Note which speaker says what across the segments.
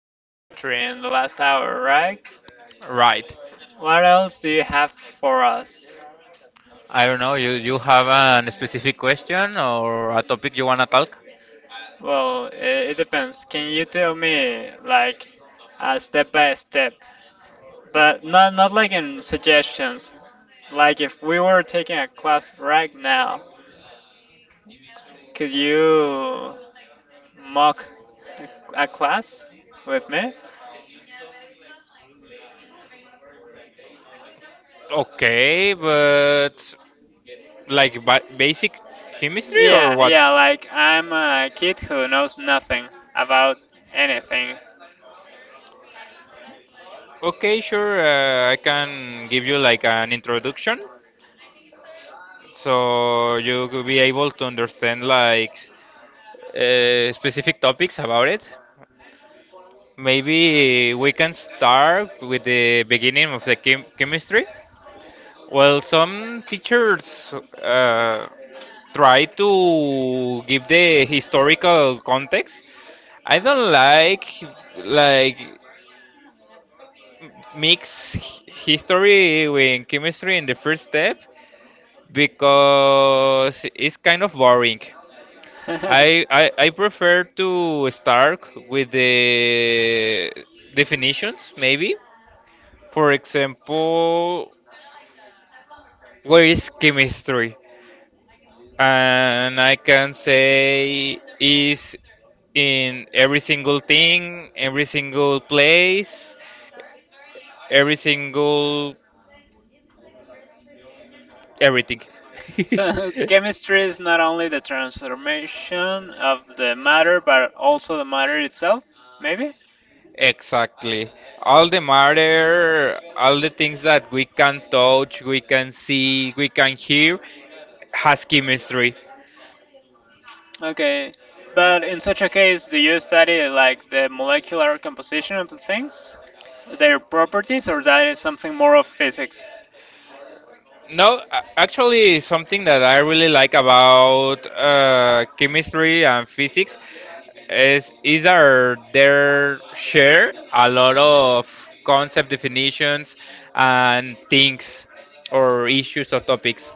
Speaker 1: chemistry in the last hour, right?
Speaker 2: Right.
Speaker 1: What else do you have for us?
Speaker 2: I don't know. You have a specific question or a topic you wanna talk?
Speaker 1: Well, it depends. Can you tell me like a step by step, but not like in suggestions. Like if we were taking a class right now, could you mock a class with me?
Speaker 2: Okay, but like ba basic chemistry or
Speaker 1: Yeah,
Speaker 2: what?
Speaker 1: yeah, like I'm a kid who knows nothing about anything.
Speaker 2: Okay, sure. I can give you like an introduction, so you will be able to understand like specific topics about it. Maybe we can start with the beginning of the chemistry. Well, some teachers uh, try to give the historical context. I don't like like mix history with chemistry in the first step because it's kind of boring. I, I, I prefer to start with the definitions maybe. For example, what is chemistry? And I can say is in every single thing, every single place, every single everything.
Speaker 1: So, chemistry is not only the transformation of the matter, but also the matter itself, maybe?
Speaker 2: Exactly. All the matter, all the things that we can touch, we can see, we can hear, has chemistry.
Speaker 1: Okay, but in such a case, do you study like the molecular composition of the things, their properties, or that is something more of physics?
Speaker 2: No, actually, something that I really like about chemistry and physics is that they share a lot of concept definitions and things or issues or topics.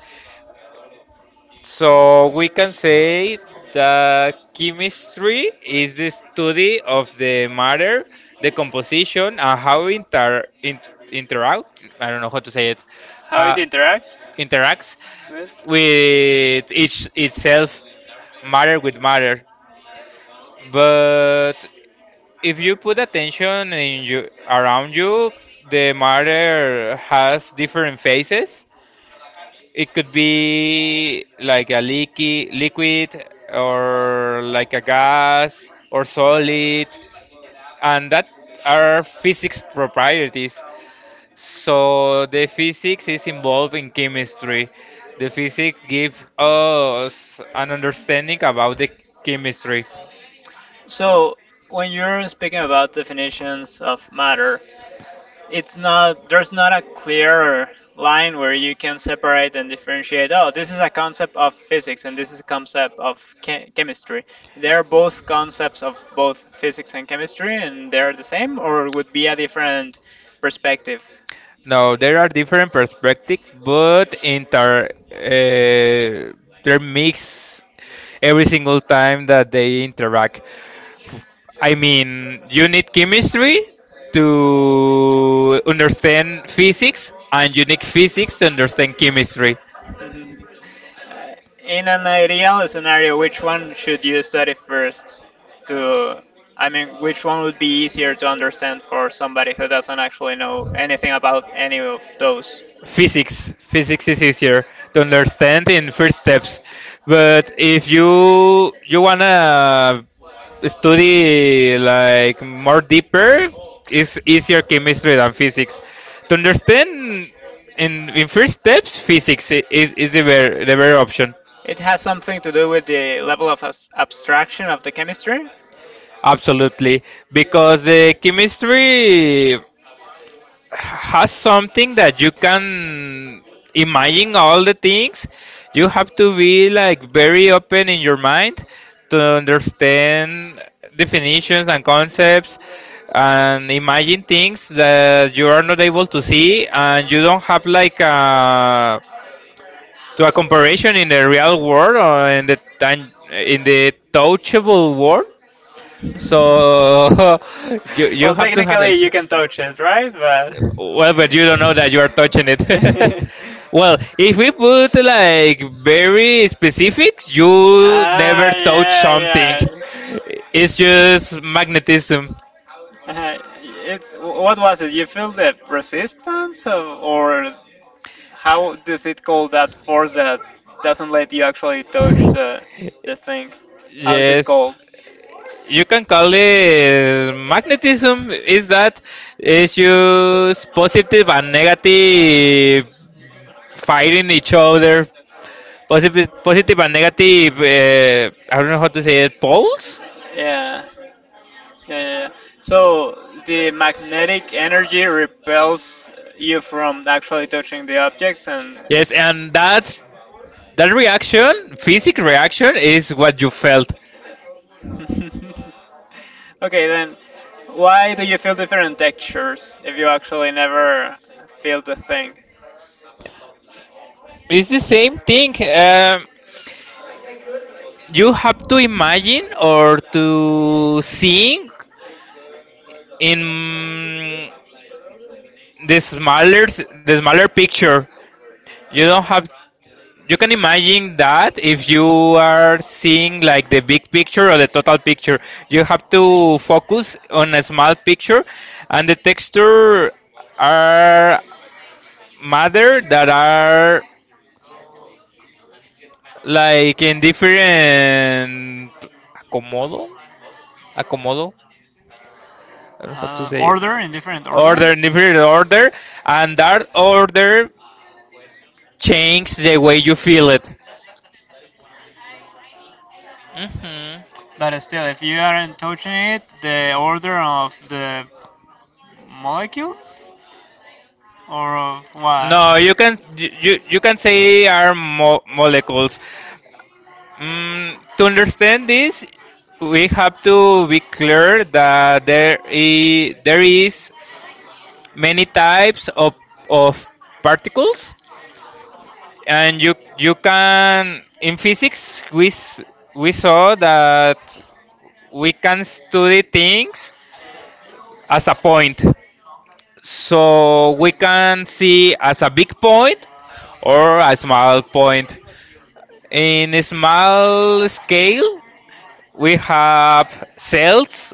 Speaker 2: So we can say that chemistry is the study of the matter, the composition, and how interact. I don't know how to say it.
Speaker 1: How it
Speaker 2: How,
Speaker 1: interacts
Speaker 2: interacts
Speaker 1: with?
Speaker 2: with each itself, matter with matter. But if you put attention in you, around you, the matter has different phases. It could be like a leaky liquid or like a gas or solid and that are physics properties. So the physics is involved in chemistry. The physics give us an understanding about the chemistry.
Speaker 1: So when you're speaking about definitions of matter, it's not there's not a clear line where you can separate and differentiate. Oh, this is a concept of physics and this is a concept of chemistry. They're both concepts of both physics and chemistry, and they're the same, or would be a different perspective.
Speaker 2: Now there are different perspectives, but inter they're mixed every single time that they interact. I mean, you need chemistry to understand physics, and you need physics to understand chemistry.
Speaker 1: Mhm. Uh, In an ideal scenario, which one should you study first? To, I mean, which one would be easier to understand for somebody who doesn't actually know anything about any of those? So
Speaker 2: Physics is easier to understand in first steps, but if you wanna study like more deeper, it's easier chemistry than physics. To understand in first steps, physics is is the better option.
Speaker 1: it has something to do with the level of abstraction of the chemistry?
Speaker 2: Absolutely, because the chemistry has something that you can imagine all the things. You have to be like very open in your mind to understand definitions and concepts and imagine things that you are not able to see and you don't have like a to a comparison in the real world or in the in the touchable world so. You
Speaker 1: Well,
Speaker 2: have to handle.
Speaker 1: technically you can touch it, right? But
Speaker 2: Well, but you don't know that you are touching it. Well, if we put like very specific, you never
Speaker 1: ah,
Speaker 2: touch
Speaker 1: yeah,
Speaker 2: something.
Speaker 1: yeah.
Speaker 2: It's just magnetism.
Speaker 1: uh It's what was it? You feel the resistance of, or how does it call that force that doesn't let you actually touch the thing? How is it
Speaker 2: Yes,
Speaker 1: called?
Speaker 2: you can call it magnetism. Is that is use positive and negative fighting each other? Positive and negative. I don't know how to say it. Poles.
Speaker 1: Yeah. Yeah, yeah, yeah. So the magnetic energy repels you from actually touching the objects, and okay,
Speaker 2: Yes, and that's that reaction, physic reaction, is what you felt.
Speaker 1: then why do you feel different textures if you actually never feel the thing?
Speaker 2: It's the same thing. You have to imagine or to think in the smaller the smaller picture you don't have you can imagine that if you are seeing like the big picture or the total picture you have to focus on a small picture and the texture are matter that are like in different acomodo acomodo. I don't know how to say it.
Speaker 1: Order in different order,
Speaker 2: Order, in different order, and that order changes the way you feel it. Hmm.
Speaker 1: but still, if you aren't touching it, the order of the molecules or of what?
Speaker 2: No,
Speaker 1: No, you
Speaker 2: you can you can say are
Speaker 1: are molecules.
Speaker 2: molecules. Mm, to understand this, we have to be clear that there is many types of particles and you can in physics we saw that we can study things as a point so we can see as a big point or a small point in a small scale we have cells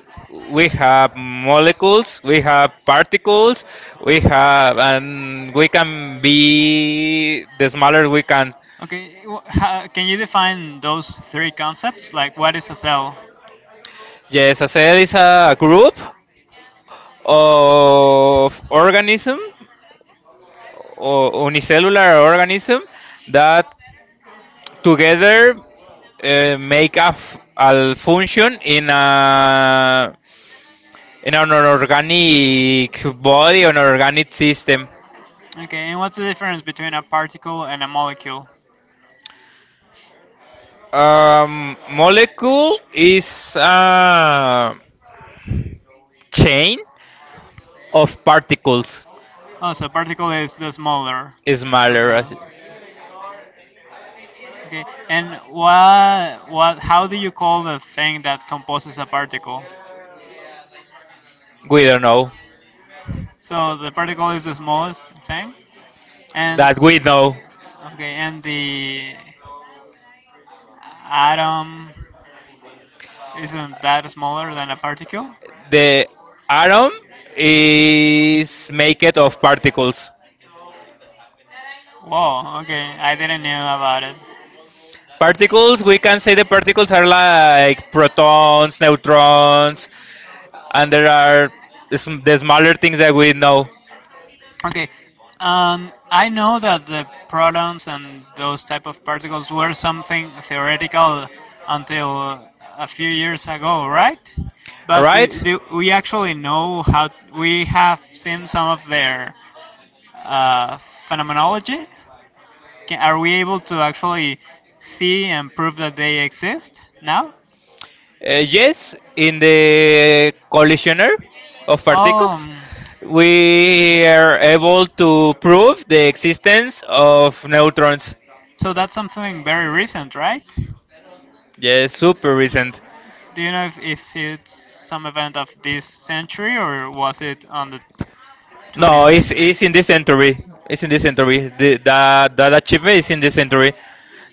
Speaker 2: we have molecules we have particles we have and we can be the smaller we can.
Speaker 1: Okay, can you define those three concepts? Like, what is a cell?
Speaker 2: Yes, a cell is a group of organism or unicellular organism that together make a, a function in a in an organic body an organic system.
Speaker 1: Okay, and what's the difference between a particle and a molecule?
Speaker 2: Molecule is a chain of particles
Speaker 1: Oh, so particle is the smaller from
Speaker 2: smaller.
Speaker 1: the. Okay, and what what? How do you call the thing that composes a particle?
Speaker 2: We don't know.
Speaker 1: So the particle is the smallest thing, and
Speaker 2: That we know.
Speaker 1: okay, and the atom isn't that smaller than a particle?
Speaker 2: The atom is made of particles.
Speaker 1: Whoa, okay, I didn't know about it.
Speaker 2: Particles, we can say the particles are like protons, neutrons, and there are the smaller things that we know.
Speaker 1: Okay, I know that the protons and those type of particles were something theoretical until a few years ago, right? But
Speaker 2: Right?
Speaker 1: do we actually know how we have seen some of their phenomenology? Are we able to actually see and prove that they exist now?
Speaker 2: Yes, in the collisioner of particles,
Speaker 1: Um,
Speaker 2: we are able to prove the existence of neutrons.
Speaker 1: so that's something very recent, right?
Speaker 2: Yes, super recent.
Speaker 1: Do you know if it's some event of this century or was it on the 20th
Speaker 2: No,
Speaker 1: century?
Speaker 2: it's in this century. It's in this century. That achievement is in this century.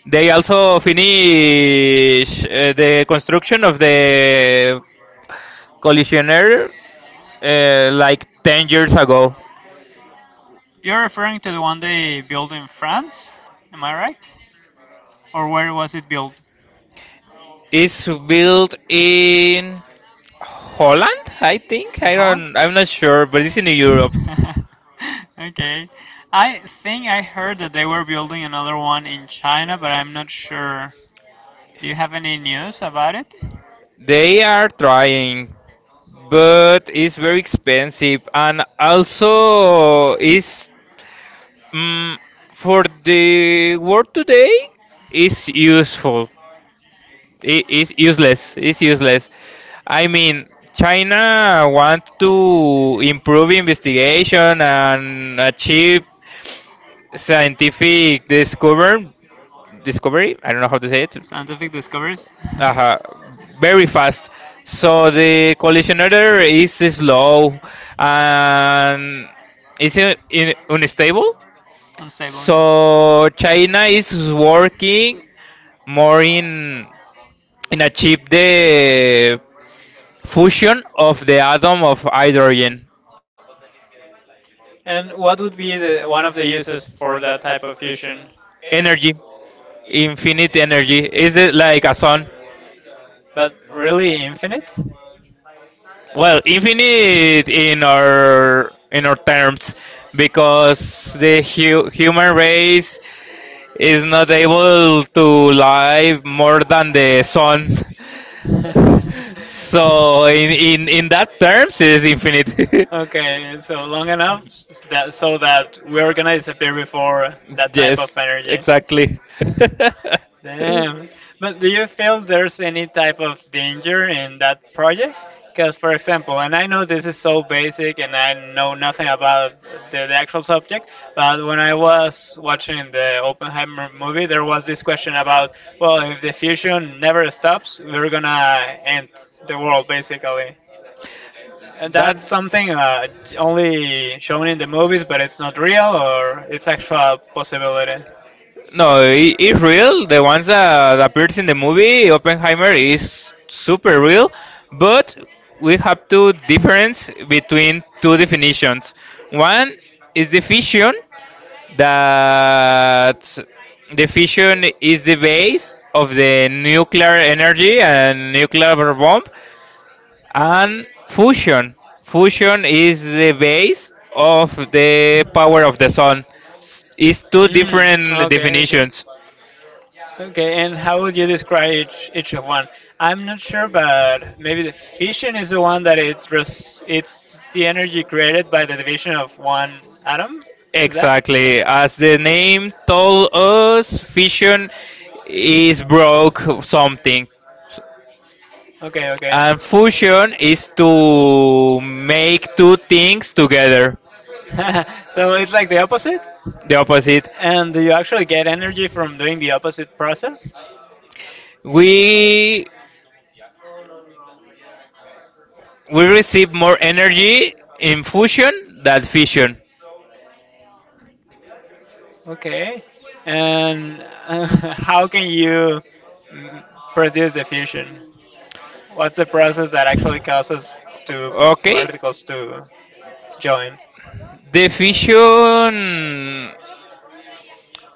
Speaker 2: They also finish the construction of the collisioner like 10 years ago.
Speaker 1: You're referring to the one they built in France, am I right? Or where was it built?
Speaker 2: It's built in Holland, I think.
Speaker 1: In Holland?
Speaker 2: I'm not sure, but it's in Europe.
Speaker 1: Okay. I think I heard that they were building another one in China, but I'm not sure. Do you have any news about it?
Speaker 2: They are trying, but it's very expensive, and also is mm for the world today. It's useful. It is useless. It's useless. I mean, China want to improve investigation and achieve scientific discovery. I don't know how to say it.
Speaker 1: Scientific discoveries?
Speaker 2: Uh, very fast. So the collisionator is slow and is unstable.
Speaker 1: Unstable, yeah.
Speaker 2: So China is working more in achieve the fusion of the atom of hydrogen
Speaker 1: And what would be the, one of the uses for that type of fusion?
Speaker 2: energy, infinite energy. Is it like a sun?
Speaker 1: But really infinite?
Speaker 2: Well, infinite in our terms, because the hu human race is not able to live more than the sun. So in that terms, is infinite.
Speaker 1: Okay, so long enough that so that we're gonna disappear before that type of
Speaker 2: Yes,
Speaker 1: energy.
Speaker 2: exactly.
Speaker 1: Damn. But do you feel there's any type of danger in that project? Because, for example, and I know this is so basic and I know nothing about the actual subject, but when I was watching the Oppenheimer movie, there was this question about, well, if the fusion never stops, we're gonna end the world, basically. That's something only shown in the movies, but it's not real or it's actual possibility.
Speaker 2: No, it's real. The ones that appears in the movie Oppenheimer is super real, but we have to difference between two definitions. One is the fission that the fission is the base of the nuclear energy and nuclear bomb, and fusion. Fusion is the base of the power of the sun. It's two
Speaker 1: Mm,
Speaker 2: different
Speaker 1: okay, okay.
Speaker 2: definitions.
Speaker 1: Okay, and how would you describe each of one? I'm not sure, but maybe the fission is the one that it's the energy created by the division of one atom. Is that?
Speaker 2: Exactly. As the name told us, fission is broke something.
Speaker 1: Okay, okay.
Speaker 2: And fusion is to make two things together.
Speaker 1: So it's like the opposite?
Speaker 2: The opposite.
Speaker 1: And do you actually get energy from doing the opposite process?
Speaker 2: We We receive more energy in fusion than fission.
Speaker 1: Okay. And how can you mm, produce the fusion? What's the process that actually causes two
Speaker 2: Okay.
Speaker 1: particles to join?
Speaker 2: The fission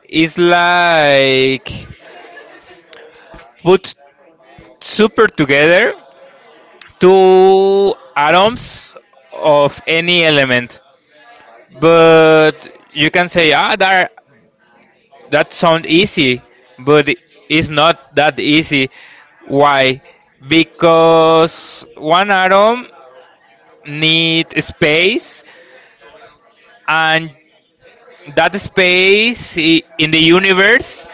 Speaker 2: is like put super together two atoms of any element. But you can say ah there that sound easy, but it's not that easy. Why? Because one atom needs space, and that space in the universe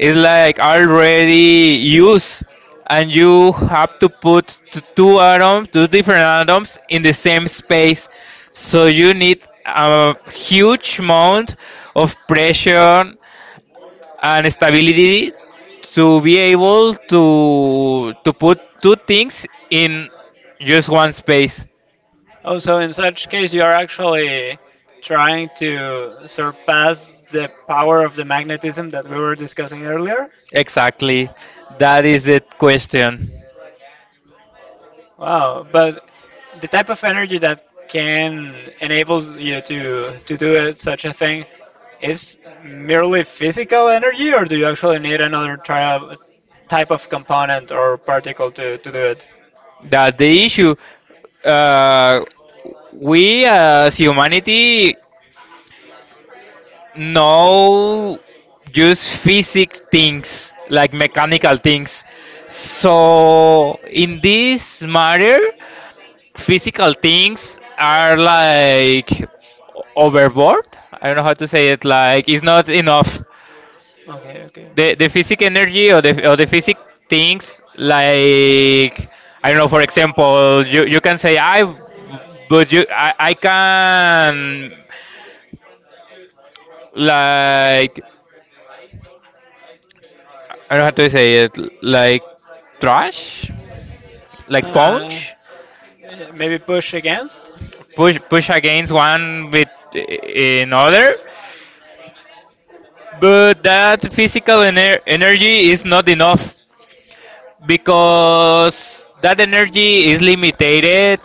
Speaker 2: is like already used, and you have to put two atoms, two different atoms, in the same space. So you need a huge amount of pressure and stability to be able to put two things in just one space.
Speaker 1: Oh, so in such case, you are actually trying to surpass the power of the magnetism that we were discussing earlier?
Speaker 2: Exactly, that is the question.
Speaker 1: Wow, but the type of energy that can enable you to do it, such a thing, is merely physical energy, or do you actually need another try type of component or particle to do it?
Speaker 2: That's the issue. Uh, we as humanity no just physics things like mechanical things so in this matter physical things are like overboard. I don't know how to say it, like it's not enough.
Speaker 1: Okay, okay.
Speaker 2: The physic energy or the physic things like I don't know, for example, you can say I but I can like I don't know how to say it, like thrash, like
Speaker 1: Uh,
Speaker 2: punch,
Speaker 1: maybe push against?
Speaker 2: push against one with another, but that physical energy is not enough because that energy is limited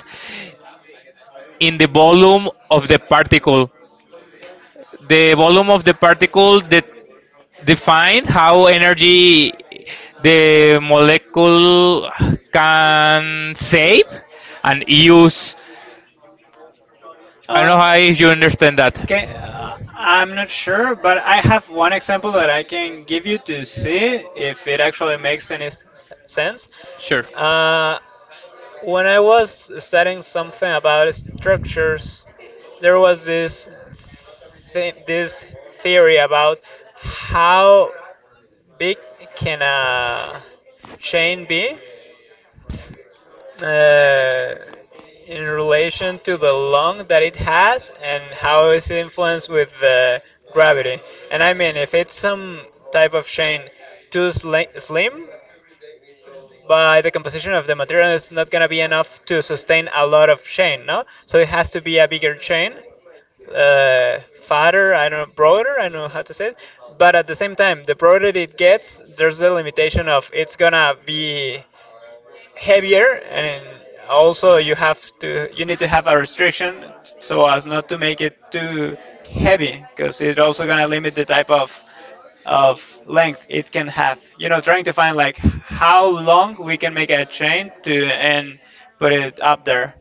Speaker 2: in the volume of the particle. The volume of the particle that defines how energy the molecule can save and use. I don't know
Speaker 1: Uh,
Speaker 2: how if you understand that.
Speaker 1: Okay, I'm not sure, but I have one example that I can give you to see if it actually makes any sense.
Speaker 2: Sure.
Speaker 1: Uh, when I was studying something about structures, there was this th- this theory about how big can a chain be, uh, in relation to the lung that it has and how it's influenced with the gravity. And I mean, if it's some type of chain too slim, by the composition of the material, it's not going to be enough to sustain a lot of chain, no? So it has to be a bigger chain fatter, I don't know, broader, I don't know how to say it. But at the same time, the broader it gets, there's a limitation of it's gonna be heavier and also you need to have a restriction so as not to make it too heavy because it's also gonna limit the type of length it can have, you know, trying to find like how long we can make a chain to and put it up there.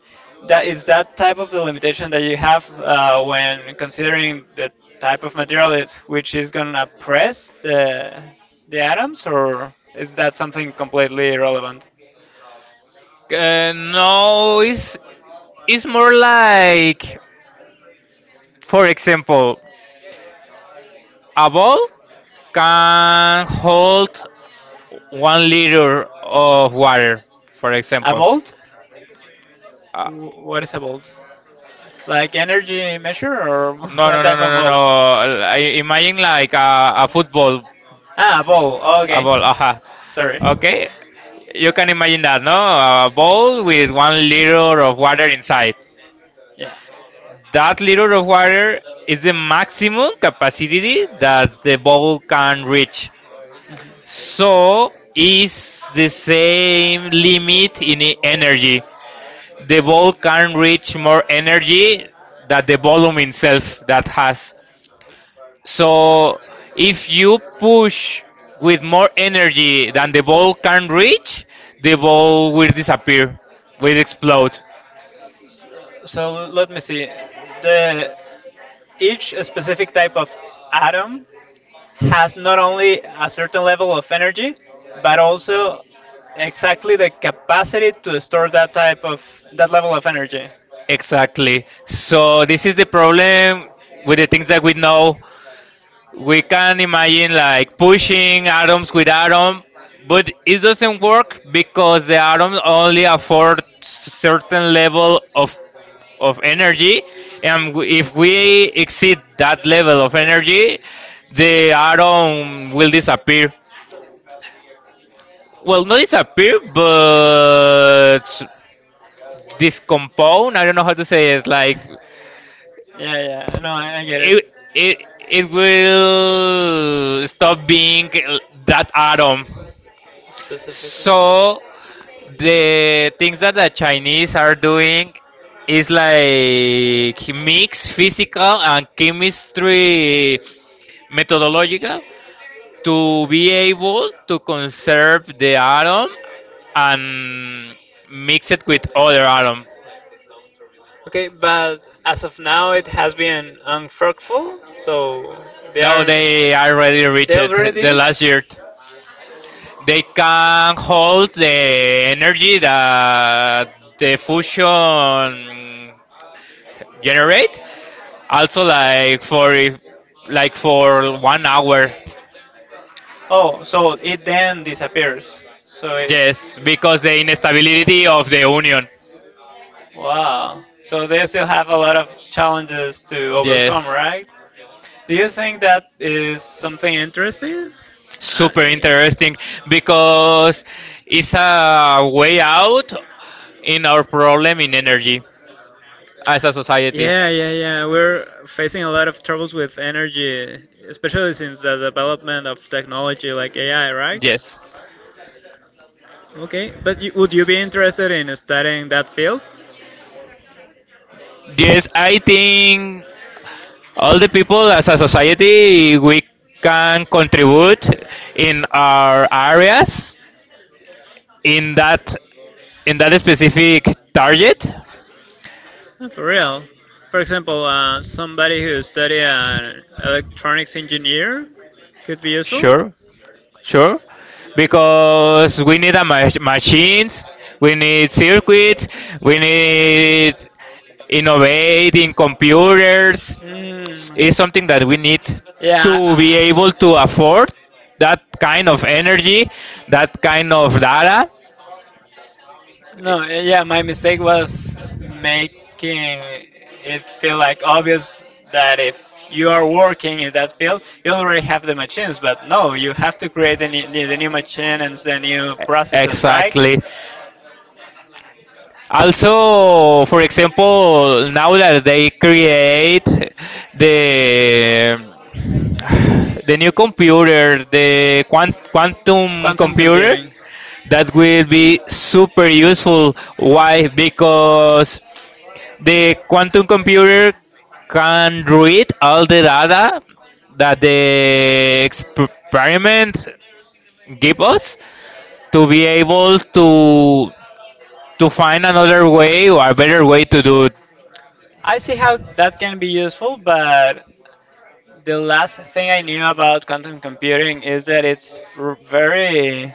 Speaker 1: That is that type of the limitation that you have when considering the type of material it, which is gonna press the atoms, or is that something completely irrelevant?
Speaker 2: No, it's more like, for example, a ball can hold 1 liter of water, for
Speaker 1: A
Speaker 2: example.
Speaker 1: volt?
Speaker 2: Uh,
Speaker 1: What is a volt? Like energy measure or
Speaker 2: No, no,
Speaker 1: what
Speaker 2: no,
Speaker 1: type
Speaker 2: no,
Speaker 1: of
Speaker 2: no, no.
Speaker 1: volt?
Speaker 2: I imagine like a football,
Speaker 1: Ah, a ball.
Speaker 2: a
Speaker 1: Okay.
Speaker 2: ball. Aha.
Speaker 1: Sorry.
Speaker 2: Okay, you can imagine that, no? A bowl with 1 liter of water inside.
Speaker 1: Yeah. So
Speaker 2: That liter of water is the maximum capacity that the bowl can reach. So is the same limit in energy. The ball can reach more energy than the volume itself that has. So if you push with more energy than the ball can reach, the ball will disappear, will explode.
Speaker 1: so let me see. The each specific type of atom has not only a certain level of energy, but also exactly the capacity to store that type of that level of energy.
Speaker 2: Exactly. So this is the problem with the things that we know. We can imagine like pushing atoms with atom, but it doesn't work because the atom only afford certain level of energy, and if we exceed that level of energy, the atom will disappear. Well, not disappear, but discompone. I don't know how to say it. Like
Speaker 1: Yeah, yeah, no, I get
Speaker 2: it,
Speaker 1: it.
Speaker 2: it, it will stop being that atom.
Speaker 1: Specifically.
Speaker 2: So the things that the Chinese are doing is like mix physical and chemistry methodological to be able to conserve the atom and mix it with other atom.
Speaker 1: Okay, but as of now, it has been unfruitful, so they
Speaker 2: Now
Speaker 1: are
Speaker 2: they already reached
Speaker 1: they already did
Speaker 2: the
Speaker 1: it.
Speaker 2: last year. They can hold the energy that the fusion generate. Also, like for if- like for 1 hour.
Speaker 1: Oh, so it then disappears. So it
Speaker 2: Yes, because the instability of the union.
Speaker 1: wow. So they still have a lot of challenges to Yes. overcome,
Speaker 2: Yes,
Speaker 1: right? Do you think that is something interesting? Uh,
Speaker 2: super interesting because it's a way out in our problem in energy as a society.
Speaker 1: Yeah, yeah, yeah. We're facing a lot of troubles with energy, especially since the development of technology like AI, right?
Speaker 2: Yes.
Speaker 1: Okay, would you be interested in studying that field?
Speaker 2: Yes, I think all the people as a society we can contribute in our areas in that in that specific target.
Speaker 1: For real. For example, somebody who study an electronics engineer could be useful.
Speaker 2: Sure. Sure, because we need a machines, we need circuits, we need innovating computers. It's
Speaker 1: Mm.
Speaker 2: something that we need
Speaker 1: Yeah.
Speaker 2: to be able to afford that kind of energy, that kind of
Speaker 1: I-
Speaker 2: data.
Speaker 1: No, yeah, my mistake was making it feel like obvious that if you are working in that field, you already have the machines, but no, you have to create the new machines, the new
Speaker 2: E-
Speaker 1: processes, right?
Speaker 2: Exactly. Also, for example, now that they create the the new computer, the quantum
Speaker 1: Quantum
Speaker 2: computer,
Speaker 1: computing.
Speaker 2: that will be super useful. Why? Because the quantum computer can read all the data that the experiment give us to be able to find another way or a better way to do it.
Speaker 1: I see how that can be useful, but the last thing I knew about quantum computing is that it's very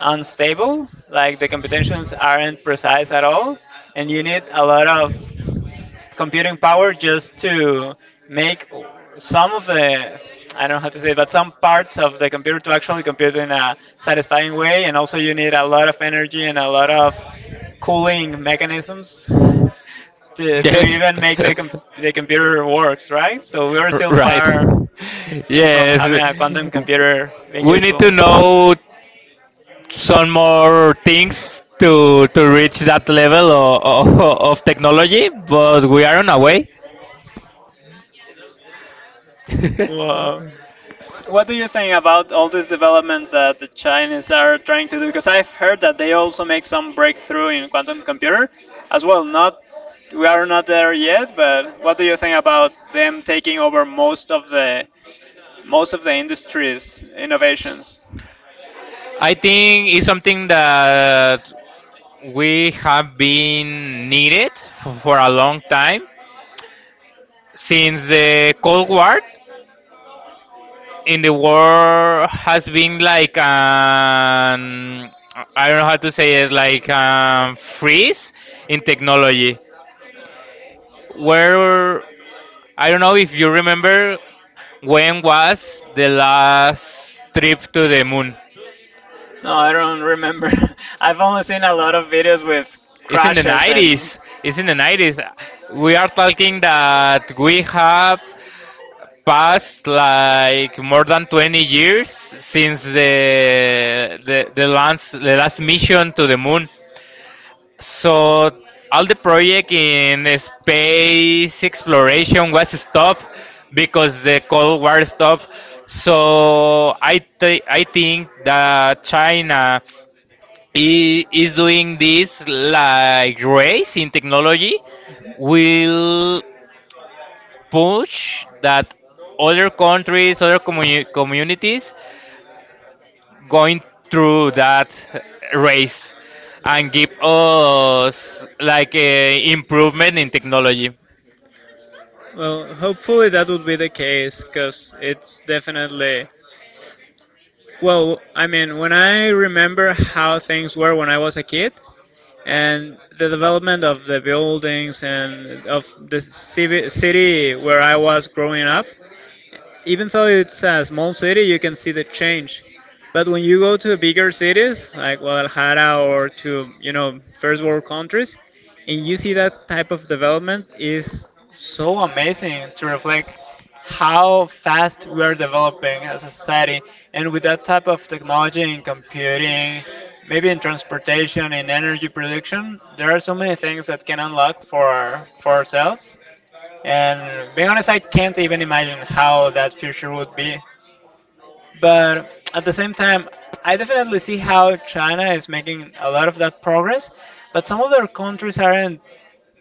Speaker 1: unstable. Like the computations aren't precise at all, and you need a lot of computing power just to make some of the I don't know how to say it, but some parts of the computer to actually compute in a satisfying way, and also you need a lot of energy and a lot of cooling mechanisms to
Speaker 2: Yes.
Speaker 1: even make the computer works, right? So we're still
Speaker 2: Right.
Speaker 1: far
Speaker 2: Are
Speaker 1: from
Speaker 2: yes
Speaker 1: having a quantum
Speaker 2: different on.
Speaker 1: computer being
Speaker 2: We need
Speaker 1: useful.
Speaker 2: to know some more things to reach that level of of technology, but we are on our way.
Speaker 1: Wow. What do you think about all these developments that the Chinese are trying to do? Because I've heard that they also make some breakthrough in quantum computer as well. Not we are not there yet, but what do you think about them taking over most of the industry's innovations?
Speaker 2: I think it's something that we have been needed for a long time since the Cold War. In the war has been like an I don't know how to say it, like freeze in technology. Where I don't know if you remember when was the last trip to the moon.
Speaker 1: No, I don't remember. I've only seen a lot of videos with
Speaker 2: It's in the
Speaker 1: crashes and
Speaker 2: 90s. It's in the 90s. We are talking that we have passed like more than 20 years since the last mission to the moon. So all the project in space exploration was stopped because the Cold War stopped. So I think that China is doing this like race in technology
Speaker 1: mhm.
Speaker 2: will push that other countries, other communities going through that race and give us like a improvement in technology.
Speaker 1: Well, hopefully that would be the case because it's definitely. Well, I mean, when I remember how things were when I was a kid and the development of the buildings and of the city where I was growing up, even though it's a small city, you can see the change. But when you go to bigger cities like Guadalajara or to you know first world countries, and you see that type of development is so amazing to reflect how fast we are developing as a society, and with that type of technology in computing, maybe in transportation, in energy production, there are so many things that can unlock for for ourselves, and being honest, I can't even imagine how that future would be. But at the same time, I definitely see how China is making a lot of that progress, but some other countries aren't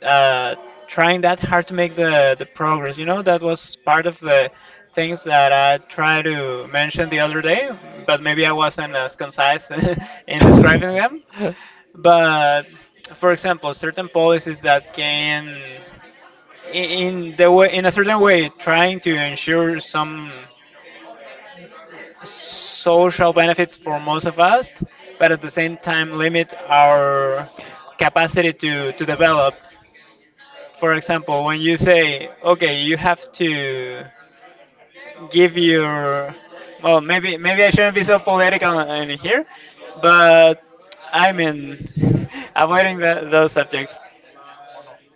Speaker 1: uh, trying that hard to make the progress. You know, that was part of the things that I tried to mention the other day, but maybe I wasn't as concise in describing them.
Speaker 2: Previous.
Speaker 1: But for example, certain policies that can in the way in a certain way trying to ensure some social benefits for most of us but at the same time limit our capacity to develop, for example, when you say okay you have to give your well maybe I shouldn't be so political in here, but I mean avoiding that, those subjects,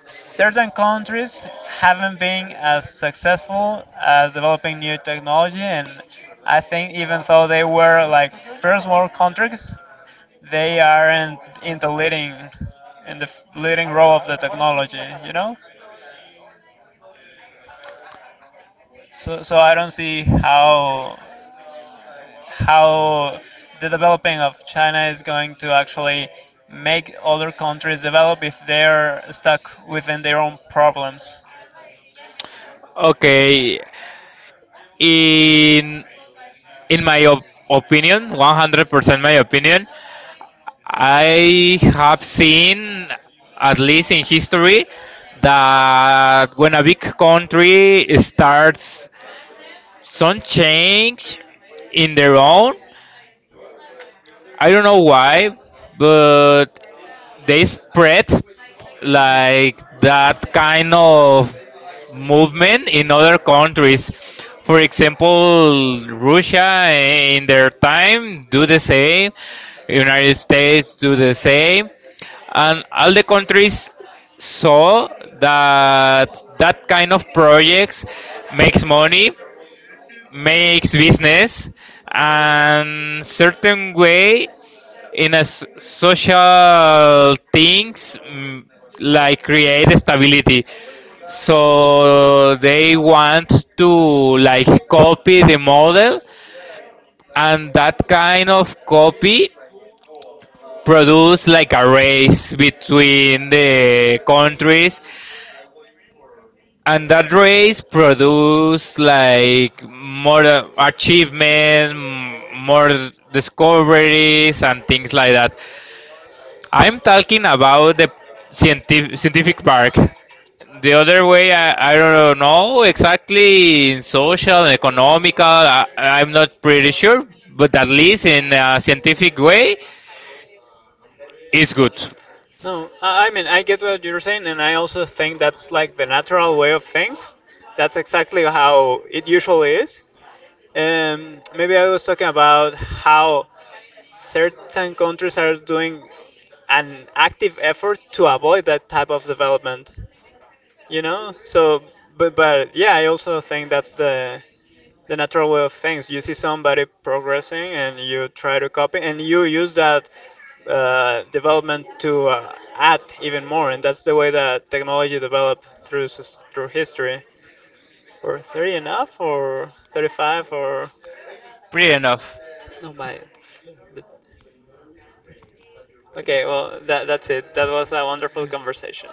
Speaker 1: certain countries haven't been as successful as developing new technology, and I think even though they were like first world countries, they aren't in the leading in the leading role of the technology, you know. So I don't see how the developing of China is going to actually make other countries develop if they're stuck within their own problems.
Speaker 2: Okay, in in my opinion, 100% my opinion, I have seen, at least in history, that when a big country starts some change in their own, I don't know why, but they
Speaker 1: Mhm.
Speaker 2: spread like that kind of movement in other countries. For example, Russia in their time do the same, United States do the same, and all the countries saw that that kind of projects makes money makes business and certain way in a social things like create stability so they want to like copy the model and that kind of copy produce like a race between the countries and that race produce like more achievement more discoveries and things like that. I'm talking about the scientific park. The other way I don't know exactly in social and economical I'm not pretty sure but at least in a scientific way it's good
Speaker 1: No, I mean, I get what you're saying, and I also think that's like the natural way of things. That's exactly how it usually is. Maybe I was talking about how certain countries are doing an active effort to avoid that type of development, you know? So, but yeah, I also think that's the natural way of things. You see somebody progressing and you try to copy, and you use that development to add even more. And that's the way that technology developed through through history. Or 30 enough, or 35, or
Speaker 2: pretty enough.
Speaker 1: no, my. Okay, well that's it. That was a wonderful conversation.